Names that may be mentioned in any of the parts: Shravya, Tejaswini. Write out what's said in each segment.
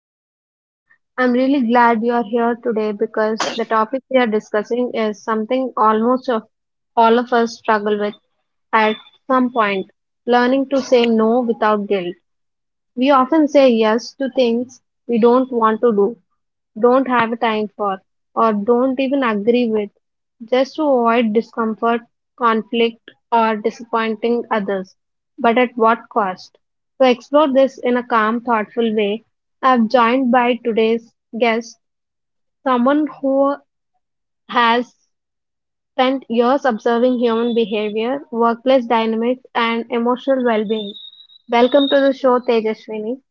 the podcast. I'm really glad you are here today because the topic we are discussing is something almost of all of us struggle with at some point learning to say no without guilt. We often say yes to things we don't want to do, don't have time for, or don't even agree with, just to avoid discomfort, conflict, or disappointing others. But at what cost? To explore this in a calm, thoughtful way, I'm joined by today's guest, someone who has spent years observing human behavior, workplace dynamics, and emotional well being. Welcome to the show, Tejaswini.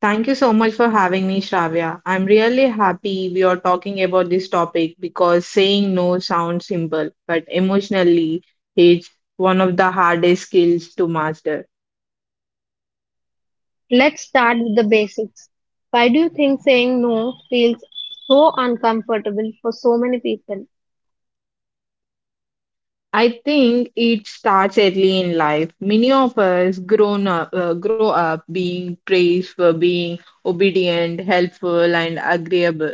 Thank you so much for having me, Shravya. I'm really happy we are talking about this topic because saying no sounds simple, but emotionally, it's one of the hardest skills to master. Let's start with the basics. Why do you think saying no feels so uncomfortable for so many people? I think it starts early in life. Many of us grow up being praised for being obedient, helpful, and agreeable.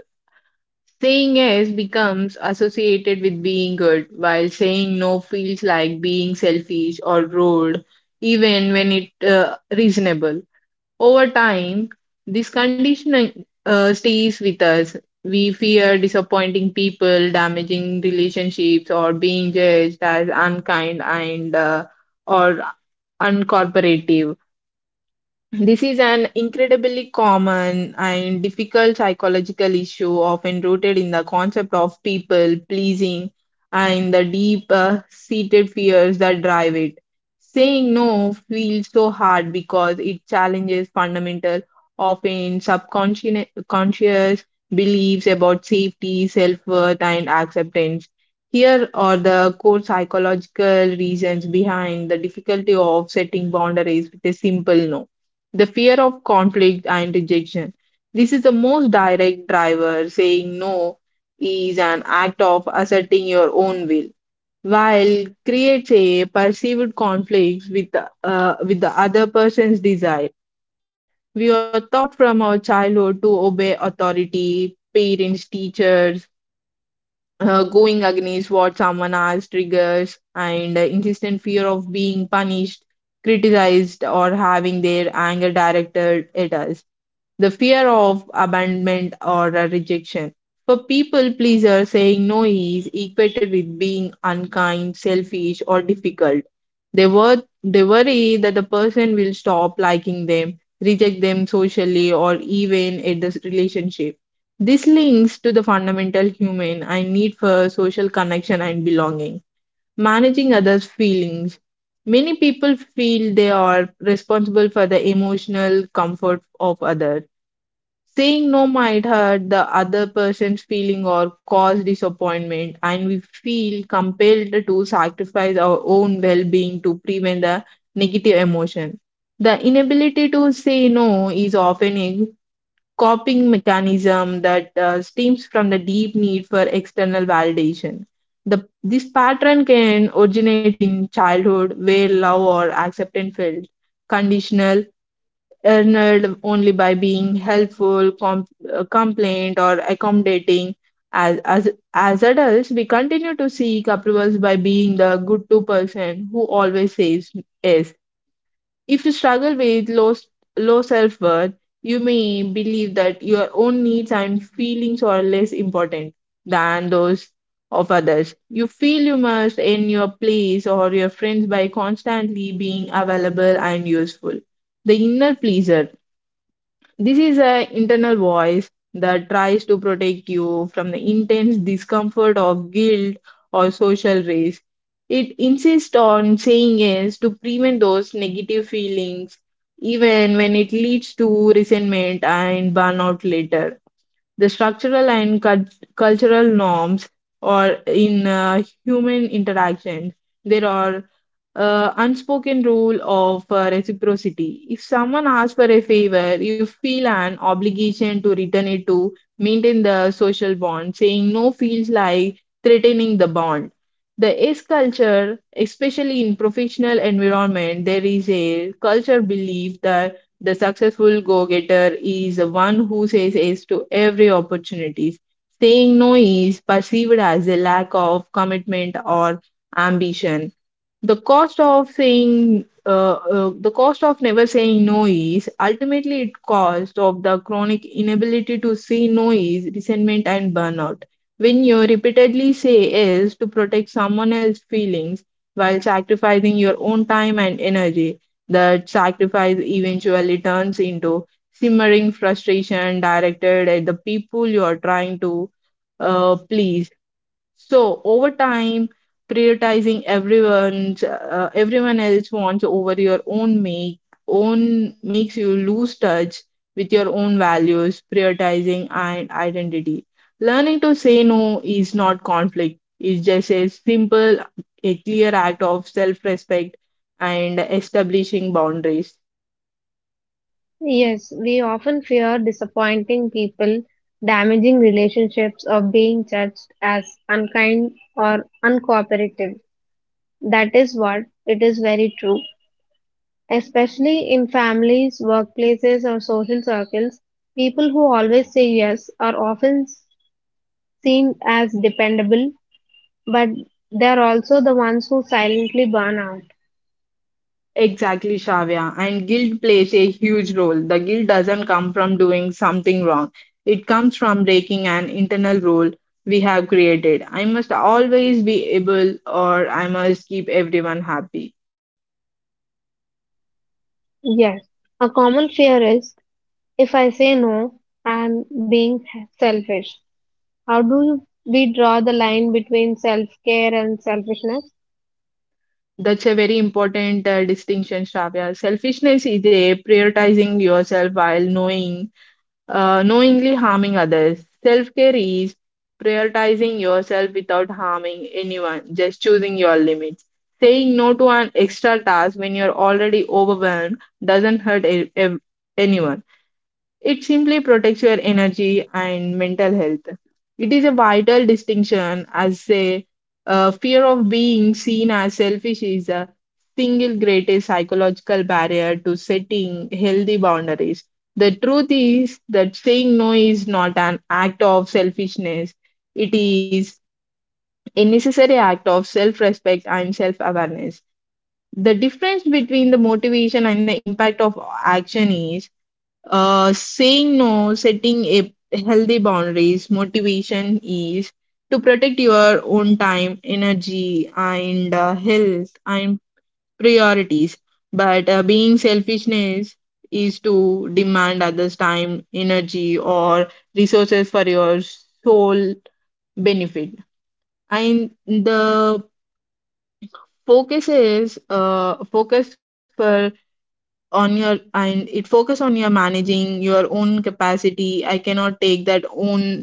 Saying yes becomes associated with being good, while saying no feels like being selfish or rude, even when it reasonable. Over time, this conditioning stays with us. We fear disappointing people, damaging relationships, or being judged as unkind and or uncooperative. This is an incredibly common and difficult psychological issue, often rooted in the concept of people pleasing and the deep seated fears that drive it. Saying no feels so hard because it challenges fundamental, often subconscious conscious beliefs about safety, self worth, and acceptance. Here are the core psychological reasons behind the difficulty of setting boundaries with a simple no, the fear of conflict and rejection. This is the most direct driver. Saying no is an act of asserting your own will, while creates a perceived conflict with the other person's desire. We are taught from our childhood to obey authority, parents, teachers. Going against what someone asks triggers and insistent fear of being punished, criticized, or having their anger directed at us, the fear of abandonment or a rejection. For people pleaser, saying no is equated with being unkind, selfish, or difficult. They worry that the person will stop liking them, reject them socially, or even at the relationship. This links to the fundamental human and need for social connection and belonging. Managing others' feelings. Many people feel they are responsible for the emotional comfort of others. Saying no might hurt the other person's feeling or cause disappointment, and we feel compelled to sacrifice our own well being to prevent the negative emotion. The inability to say no is often a coping mechanism that stems from the deep need for external validation. This pattern can originate in childhood where love or acceptance felt conditional, earned only by being compliant, or accommodating. As, as, as adults, we continue to seek approvals by being the good to person who always says yes. If you struggle with low self worth, you may believe that your own needs and feelings are less important than those of others. You feel you must earn your place or your friends by constantly being available and useful. The inner pleaser, this is an internal voice that tries to protect you from the intense discomfort of guilt or social risk. It insists on saying yes to prevent those negative feelings, even when it leads to resentment and burnout later. The structural and cultural norms or in human interaction, there are unspoken rule of reciprocity. If someone asks for a favor, you feel an obligation to return it to maintain the social bond. Saying no feels like threatening the bond. The is culture, especially in professional environment, there is a culture belief that the successful go-getter is the one who says yes to every opportunity. Saying no is perceived as a lack of commitment or ambition. The cost of never saying no is ultimately it cost of the chronic inability to say no is resentment and burnout. When you repeatedly say yes to protect someone else's feelings while sacrificing your own time and energy, that sacrifice eventually turns into simmering frustration directed at the people you are trying to please. So over time, prioritizing everyone else wants over your own makes you lose touch with your own values, prioritizing and identity. Learning to say no is not conflict. It's just a simple, a clear act of self-respect and establishing boundaries. Yes, we often fear disappointing people, damaging relationships, or being judged as unkind or uncooperative. That is what it is very true. Especially in families, workplaces, or social circles, people who always say yes are often seen as dependable, but they're also the ones who silently burn out. Exactly, Shravya. And guilt plays a huge role. The guilt doesn't come from doing something wrong, it comes from breaking an internal rule we have created. I must always be able, or I must keep everyone happy. Yes, a common fear is if I say no, I'm being selfish. How do we draw the line between self care and selfishness? That's a very important distinction, Shravya. Selfishness is a prioritizing yourself while knowingly harming others. Self care is prioritizing yourself without harming anyone, just choosing your limits. Saying no to an extra task when you're already overwhelmed doesn't hurt anyone. It simply protects your energy and mental health. It is a vital distinction, as a fear of being seen as selfish is the single greatest psychological barrier to setting healthy boundaries. The truth is that saying no is not an act of selfishness, it is a necessary act of self respect and self awareness. The difference between the motivation and the impact of action is, saying no, setting a healthy boundaries, motivation is to protect your own time, energy, and health and priorities. But being selfishness is to demand others' time, energy, or resources for your sole benefit. And the focus for on your and it focus on your managing your own capacity. I cannot take that own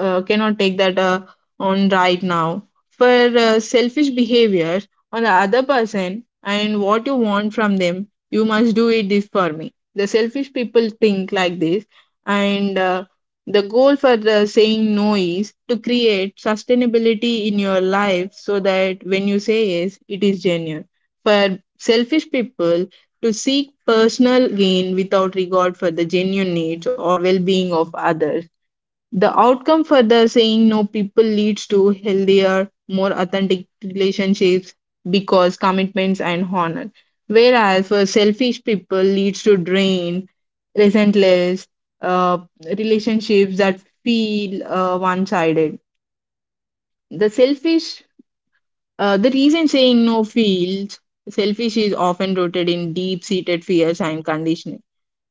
cannot take that on right now. For selfish behavior on the other person and what you want from them, you must do it this for me, the selfish people think like this. And the goal for the saying no is to create sustainability in your life so that when you say yes it is genuine. For selfish people, to seek personal gain without regard for the genuine needs or well-being of others. The outcome for the saying no people leads to healthier, more authentic relationships because commitments and honor. Whereas for selfish people leads to drain, resentless uh, relationships that feel one-sided. The selfish, the reason saying no feels selfish is often rooted in deep-seated fears and conditioning.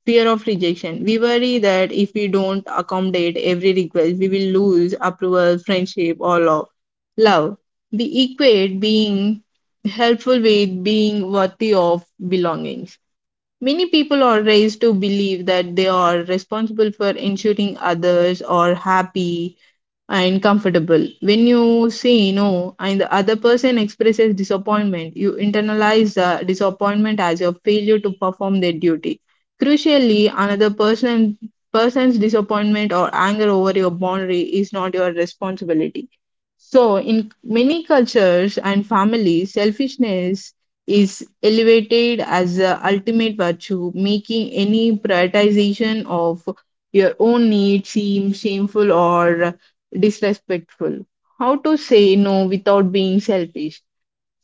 Fear of rejection. We worry that if we don't accommodate every request, we will lose approval, friendship, or love. Love. We equate being helpful with being worthy of belongings. Many people are raised to believe that they are responsible for ensuring others are happy and comfortable. When you say no and the other person expresses disappointment, you internalize the disappointment as your failure to perform their duty. Crucially, another person's disappointment or anger over your boundary is not your responsibility. So, in many cultures and families, selfishness is elevated as the ultimate virtue, making any prioritization of your own need seem shameful or disrespectful. How to say no without being selfish?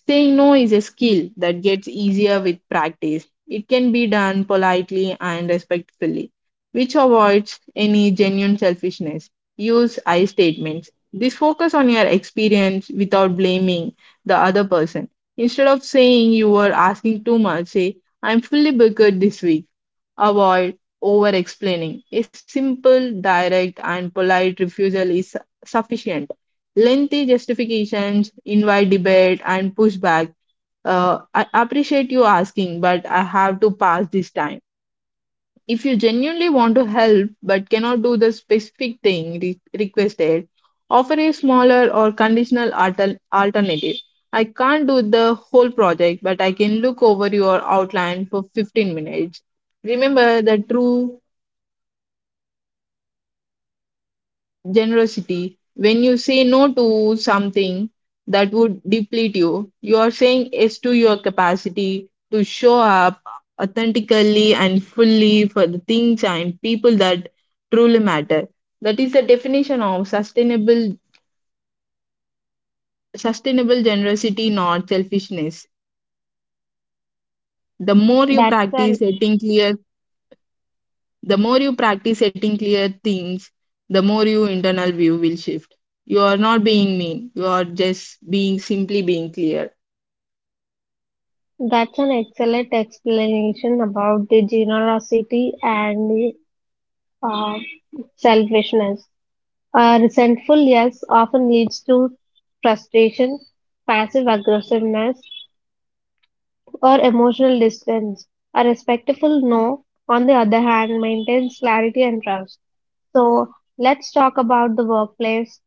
Saying no is a skill that gets easier with practice. It can be done politely and respectfully, which avoids any genuine selfishness. Use I statements. This focus on your experience without blaming the other person. Instead of saying you were asking too much, say, I'm fully booked this week. Avoid over explaining. A simple, direct, and polite refusal is sufficient. Lengthy justifications invite debate and pushback. I appreciate you asking, but I have to pass this time. If you genuinely want to help but cannot do the specific thing requested, offer a smaller or conditional alternative. I can't do the whole project, but I can look over your outline for 15 minutes. Remember, the true generosity. When you say no to something that would deplete you, you are saying yes to your capacity to show up authentically and fully for the things and people that truly matter. That is the definition of sustainable generosity, not selfishness. The more you That's an practice setting clear The more you practice setting clear things, the more your internal view will shift. You are not being mean, you are just being simply being clear. that's an excellent explanation about the generosity and uh, selfishness. A resentful yes often leads to frustration, passive aggressiveness, or emotional distance. A respectful no, on the other hand, maintains clarity and trust. So let's talk about the workplace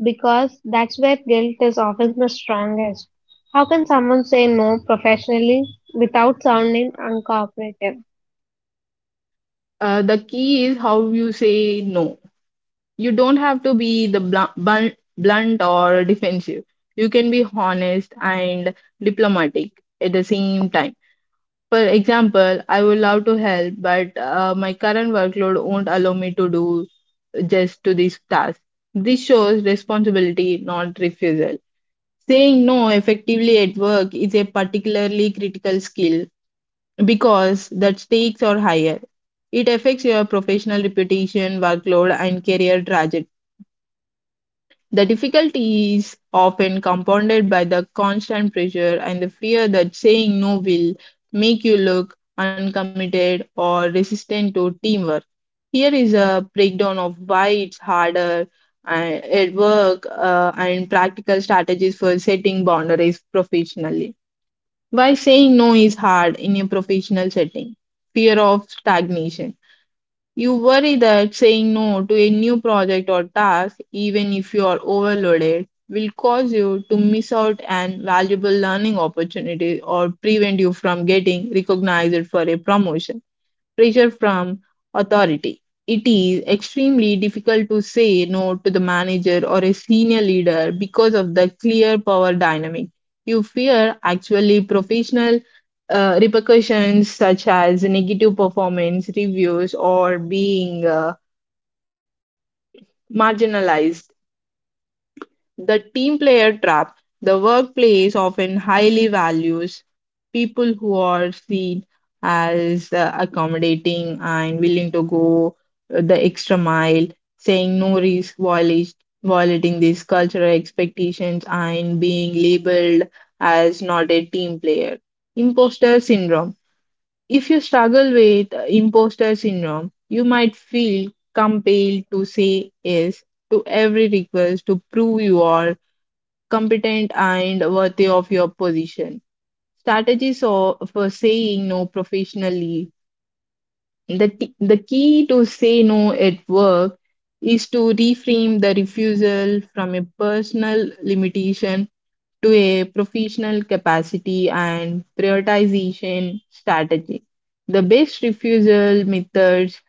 because that's where guilt is often the strongest. How can someone say no professionally without sounding uncooperative? The key is how you say no. You don't have to be the blunt or defensive. You can be honest and diplomatic at the same time. For example, I would love to help, but my current workload won't allow me to do just to this task. This shows responsibility, not refusal. Saying no effectively at work is a particularly critical skill because the stakes are higher. It affects your professional reputation, workload, and career trajectory. The difficulty is often compounded by the constant pressure and the fear that saying no will make you look uncommitted or resistant to teamwork. Here is a breakdown of why it's harder at work and practical strategies for setting boundaries professionally. Why saying no is hard in a professional setting? Fear of stagnation. You worry that saying no to a new project or task, even if you are overloaded, will cause you to miss out on valuable learning opportunities or prevent you from getting recognized for a promotion, pressure from authority. It is extremely difficult to say no to the manager or a senior leader because of the clear power dynamic. You fear actually professional repercussions such as negative performance reviews or being marginalized. The team player trap. The workplace often highly values people who are seen as accommodating and willing to go the extra mile, saying no risk, violating these cultural expectations, and being labeled as not a team player. Imposter syndrome. If you struggle with imposter syndrome, you might feel compelled to say yes to every request to prove you are competent and worthy of your position. Strategies or for saying no professionally. The key to say no at work is to reframe the refusal from a personal limitation to a professional capacity and prioritization strategy. The best refusal methods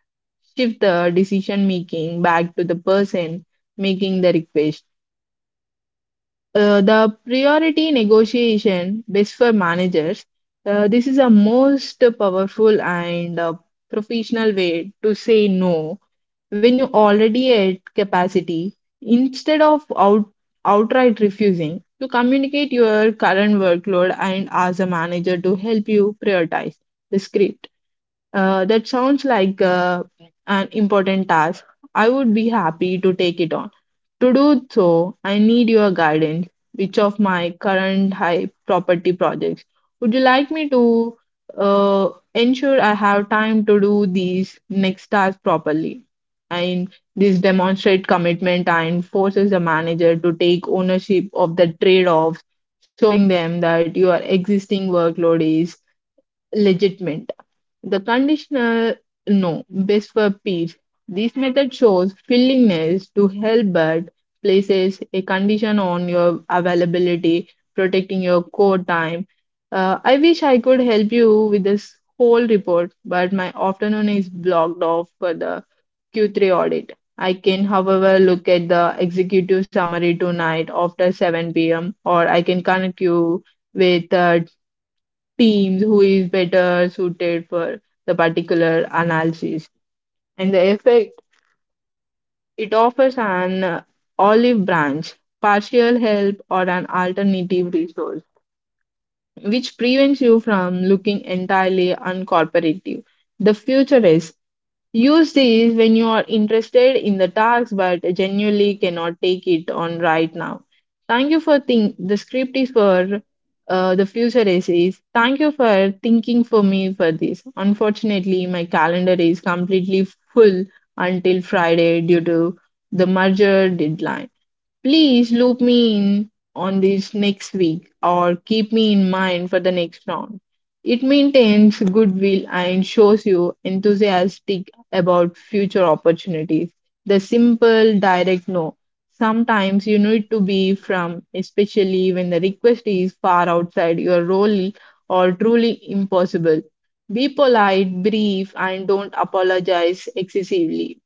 shift the decision making back to the person making the request. The priority negotiation best for managers. This is a most powerful and professional way to say no when you already at capacity. Instead of outright refusing, you communicate your current workload and ask a manager to help you prioritize the script. That sounds like an important task. I would be happy to take it on. To do so, I need your guidance. Which of my current high property projects would you like me to uh, ensure I have time to do these next tasks properly? And this demonstrates commitment and forces the manager to take ownership of the trade offs, showing them that your existing workload is legitimate. The conditional no, best for peach. This method shows willingness to help but places a condition on your availability, protecting your core time. I wish I could help you with this whole report, but my afternoon is blocked off for the Q3 audit. I can, however, look at the executive summary tonight after 7 p.m., or I can connect you with teams who is better suited for the particular analysis and the effect it offers an olive branch partial help or an alternative resource which prevents you from looking entirely uncooperative the future is. Use these when you are interested in the task but genuinely cannot take it on right now. Thank you for think the script is for the future essays. Thank you for thinking for me for this. Unfortunately, my calendar is completely full until Friday due to the merger deadline. Please loop me in on this next week or keep me in mind for the next round. It maintains goodwill and shows you enthusiastic about future opportunities. The simple, direct no. Sometimes you need to be from, especially when the request is far outside your role or truly impossible. Be polite, brief, and don't apologize excessively.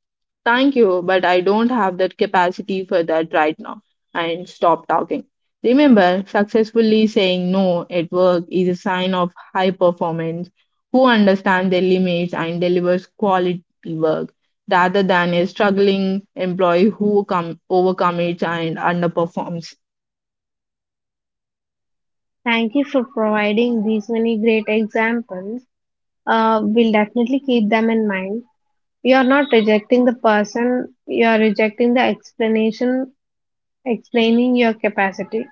Thank you, but I don't have that capacity for that right now. And stop talking. Remember, successfully saying no at work is a sign of high performance who understand their limits and delivers quality work rather than a struggling employee who overcommits and underperforms. Thank you for providing these many great examples. We'll definitely keep them in mind. You are not rejecting the person, you are rejecting the explanation, explaining your capacity.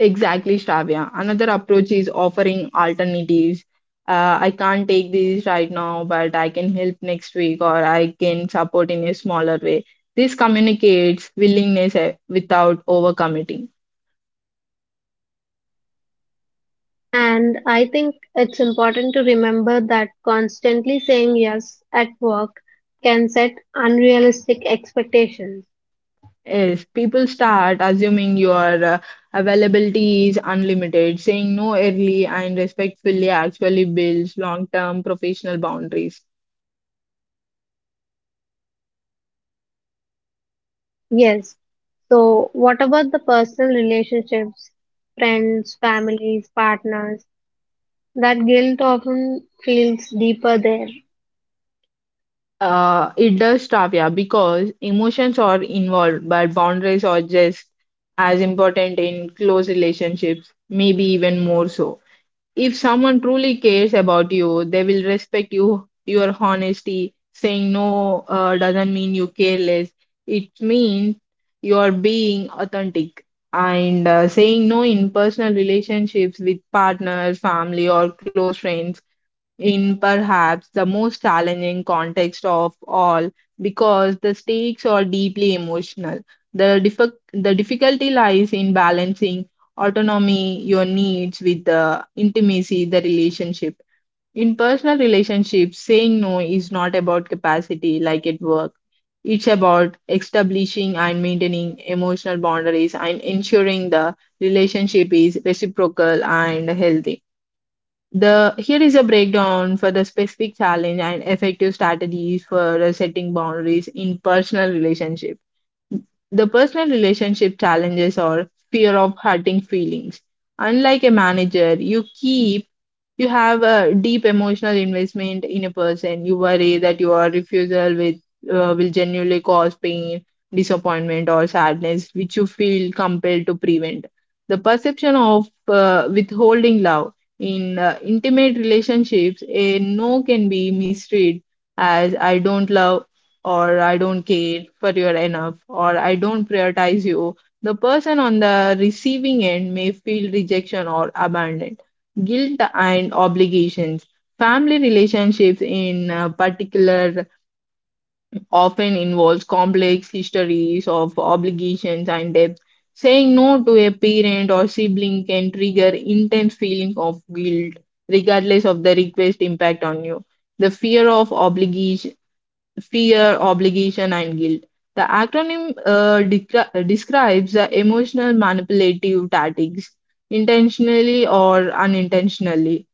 Exactly, Shravya. Another approach is offering alternatives. I can't take this right now, but I can help next week or I can support in a smaller way. This communicates willingness without overcommitting. And I think it's important to remember that constantly saying yes at work can set unrealistic expectations. Yes, people start assuming your availability is unlimited. Saying no early and respectfully actually builds long term professional boundaries. Yes. So, what about the personal relationships, friends, families, partners? That guilt often feels deeper there. It does stop, yeah, because emotions are involved, but boundaries are just as important in close relationships, maybe even more so. If someone truly cares about you, they will respect you, your honesty. Saying no doesn't mean you care less. It means you're being authentic. And Saying no in personal relationships with partners, family, or close friends in perhaps the most challenging context of all because the stakes are deeply emotional. The, dif- the difficulty lies in balancing autonomy, your needs, with the intimacy, the relationship. In personal relationships, saying no is not about capacity like at work. It's about establishing and maintaining emotional boundaries and ensuring the relationship is reciprocal and healthy. The here is a breakdown for the specific challenge and effective strategies for setting boundaries in personal relationship. The personal relationship challenges are fear of hurting feelings. Unlike a manager, you have a deep emotional investment in a person. You worry that your refusal will genuinely cause pain, disappointment, or sadness, which you feel compelled to prevent. The perception of withholding love in intimate relationships, a no can be misread as I don't love or I don't care for you enough or I don't prioritize you. The person on the receiving end may feel rejection or abandoned guilt and obligations. Family relationships, in particular, often involves complex histories of obligations and debt. Saying no to a parent or sibling can trigger intense feeling of guilt, regardless of the request impact on you. The fear of obligation, fear, obligation, and guilt. The acronym describes the emotional manipulative tactics intentionally or unintentionally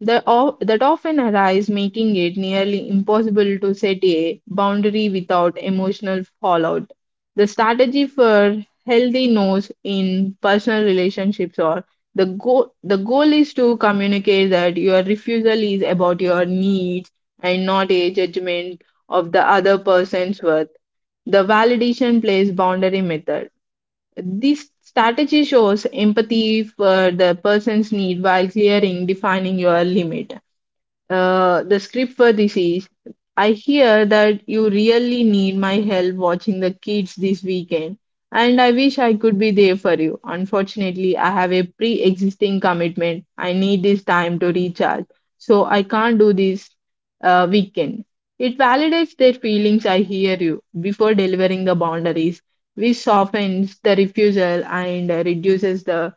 that often arise, making it nearly impossible to set a boundary without emotional fallout. The strategy for healthy no's in personal relationships or the goal is to communicate that your refusal is about your needs and not a judgment of the other person's worth. The validation plays boundary method. This strategy shows empathy for the person's need while clearing defining your limit. The script for this is I hear that you really need my help watching the kids this weekend, and I wish I could be there for you. Unfortunately, I have a pre existing commitment. I need this time to recharge, so I can't do this weekend. It validates their feelings, I hear you, before delivering the boundaries, which softens the refusal and reduces the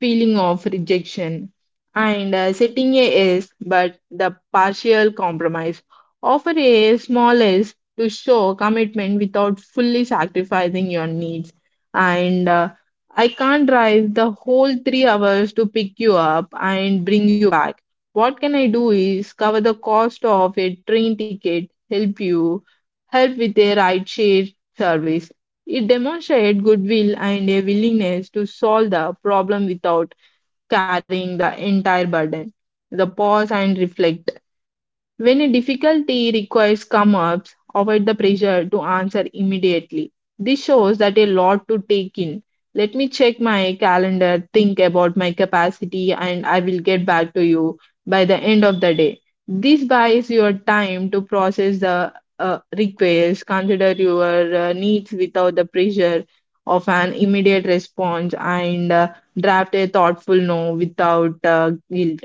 feeling of rejection and setting a yes but the partial compromise. Offer a small yes to show commitment without fully sacrificing your needs. And I can't drive the whole 3 hours to pick you up and bring you back. What can I do is cover the cost of a train ticket, help with a ride share service. It demonstrates goodwill and a willingness to solve the problem without carrying the entire burden. The pause and reflect. When a difficulty requires come ups, avoid the pressure to answer immediately. This shows that a lot to take in. Let me check my calendar, think about my capacity, and I will get back to you by the end of the day. This buys your time to process the request, consider your needs without the pressure of an immediate response, and draft a thoughtful no without guilt.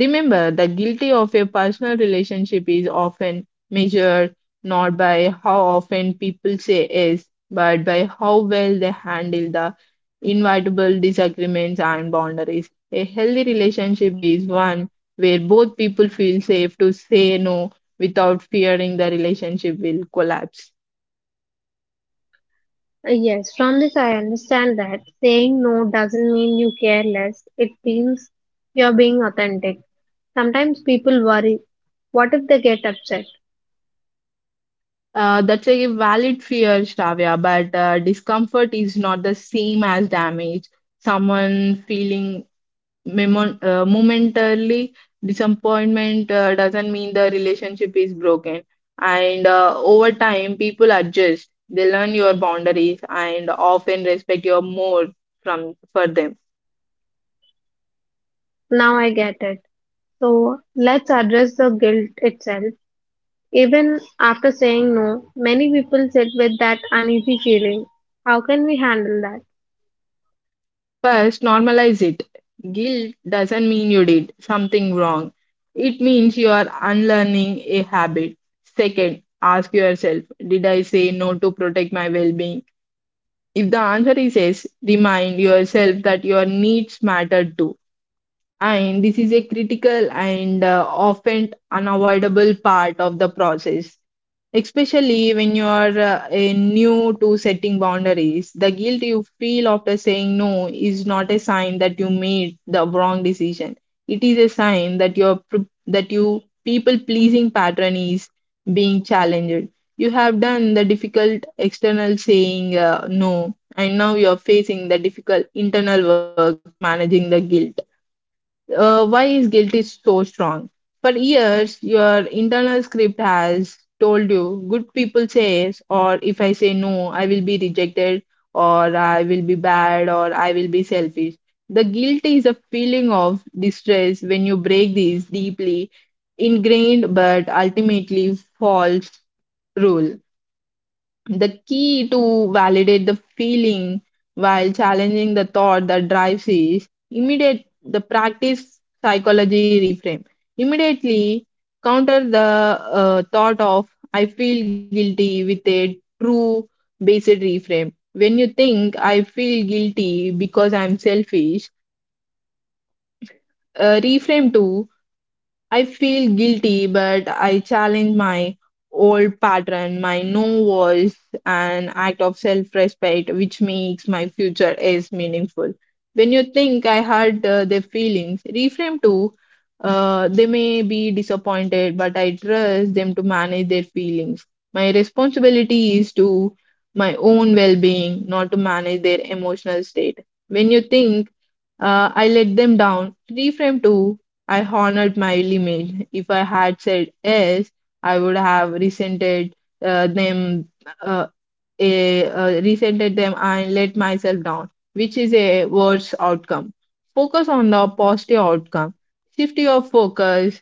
Remember, the guilty of a personal relationship is often measured not by how often people say yes, but by how well they handle the inevitable disagreements and boundaries. A healthy relationship is one where both people feel safe to say no without fearing the relationship will collapse. Yes, from this I understand that saying no doesn't mean you care less. It means you're being authentic. Sometimes people worry, what if they get upset? That's a valid fear, Shravya, but discomfort is not the same as damage someone feeling Memon momentarily disappointment doesn't mean the relationship is broken. And Over time, people adjust. They learn your boundaries and often respect your more from for them. Now I get it. So let's address the guilt itself. Even after saying no, many people sit with that uneasy feeling. How can we handle that? First, normalize it. Guilt doesn't mean you did something wrong. It means you are unlearning a habit. Second, ask yourself, did I say no to protect my well-being? If the answer is yes, remind yourself that your needs matter too and this is a critical and often unavoidable part of the process especially when you are a new to setting boundaries the guilt you feel after saying no is not a sign that you made the wrong decision. It is a sign that that you people pleasing pattern is being challenged. You have done the difficult external saying no and now you are facing the difficult internal work managing the guilt. Why is guilt is so strong for years your internal script has told you good people says or if I say no I will be rejected or I will be bad or I will be selfish. The guilt is a feeling of distress when you break these deeply ingrained but ultimately false rule. The key to validate the feeling while challenging the thought that drives is immediate the practice psychology reframe immediately counter the thought of I feel guilty with a true based reframe. When you think I feel guilty because I'm selfish, reframe to I feel guilty, but I challenge my old pattern, my no was an act of self respect, which makes my future as meaningful. When you think I hurt their feelings, reframe to they may be disappointed, but I trust them to manage their feelings. My responsibility is to my own well being, not to manage their emotional state. When you think I let them down. Reframe to I honored my limit. If I had said yes, I would have resented uh, them, uh, resented them, and let myself down, which is a worse outcome. Focus on the positive outcome. Shift your focus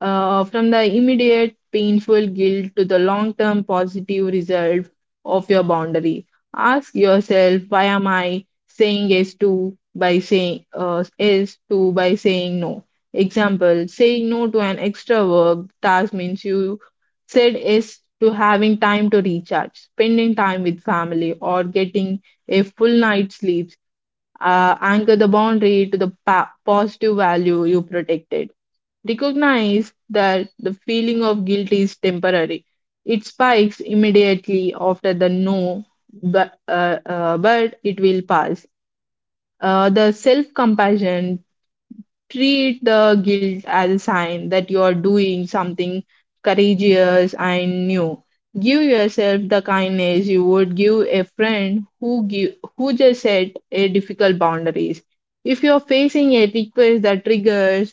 from the immediate painful guilt to the long term positive result of your boundary. Ask yourself, why am I saying yes to by saying yes to by saying no? Example: Saying no to an extra work task means you said yes to having time to recharge, spending time with family, or getting a full night's sleep. Anchor the boundary to the positive value you protected. Recognize that the feeling of guilt is temporary. It spikes immediately after the no, but it will pass. The self compassion treat the guilt as a sign that you are doing something courageous and new. Give yourself the kindness you would give a friend who just set a difficult boundaries. If you're facing a request that triggers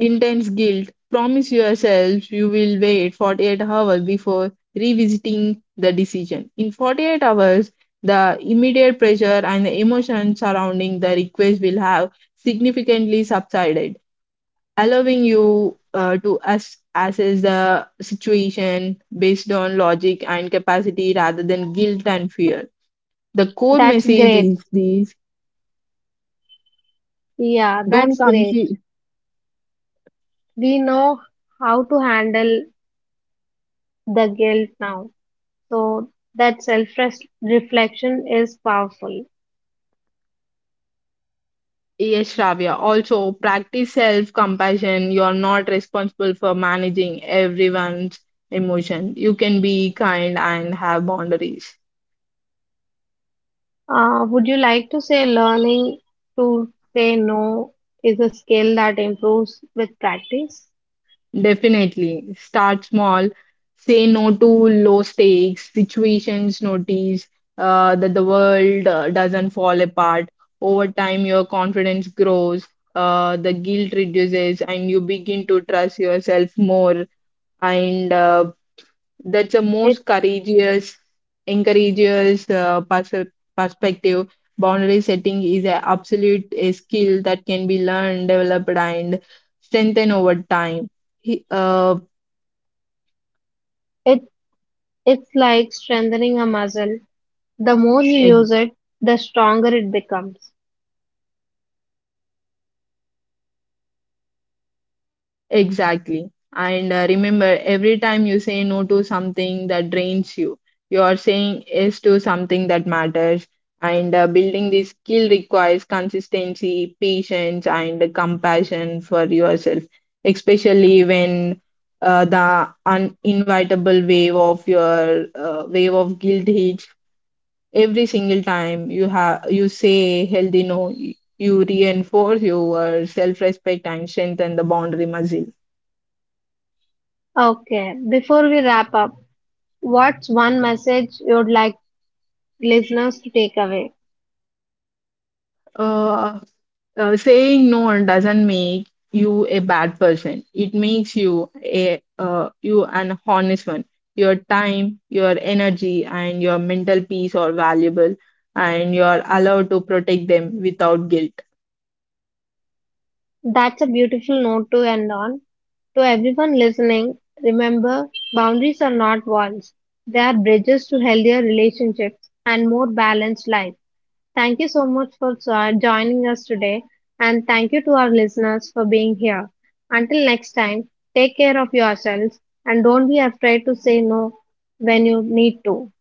intense guilt. Promise yourself you will wait 48 hours before revisiting the decision. In 48 hours, the immediate pressure and the emotion surrounding the request will have significantly subsided, allowing you to assess the situation based on logic and capacity rather than guilt and fear. The core That's message great. is this, Yeah, don't that's great. confuse. We know how to handle the guilt now. So that self reflection is powerful. Yes, Shravya. Also, practice self compassion. You're not responsible for managing everyone's emotion. You can be kind and have boundaries. Would you like to say learning to say no is a skill that improves with practice? Definitely. Start small. Say no to low stakes situations. Notice that the world doesn't fall apart. Over time, your confidence grows, the guilt reduces, and you begin to trust yourself more. And That's the most It courageous, encourageous uh, pers- perspective. Boundary setting is an absolute a skill that can be learned, developed, and strengthened over time. He, uh, it it's like strengthening a muscle. The more you use it, the stronger it becomes. Exactly. And Remember, every time you say no to something that drains you, you are saying yes to something that matters. And Building this skill requires consistency, patience, and compassion for yourself, especially when the uninvitable wave of your wave of guilt hits. Every single time you say healthy no, you reinforce your self-respect and strengthen the boundary muscle. Okay, before we wrap up, what's one message you'd like listeners to take away? Uh, Saying no doesn't make you a bad person. It makes you a you an honest one. Your time, your energy, and your mental peace are valuable, and you are allowed to protect them without guilt. That's a beautiful note to end on. To everyone listening, remember boundaries are not walls. They are bridges to healthier relationships and more balanced lives. Thank you so much for joining us today, and thank you to our listeners for being here. Until next time, take care of yourselves and don't be afraid to say no when you need to.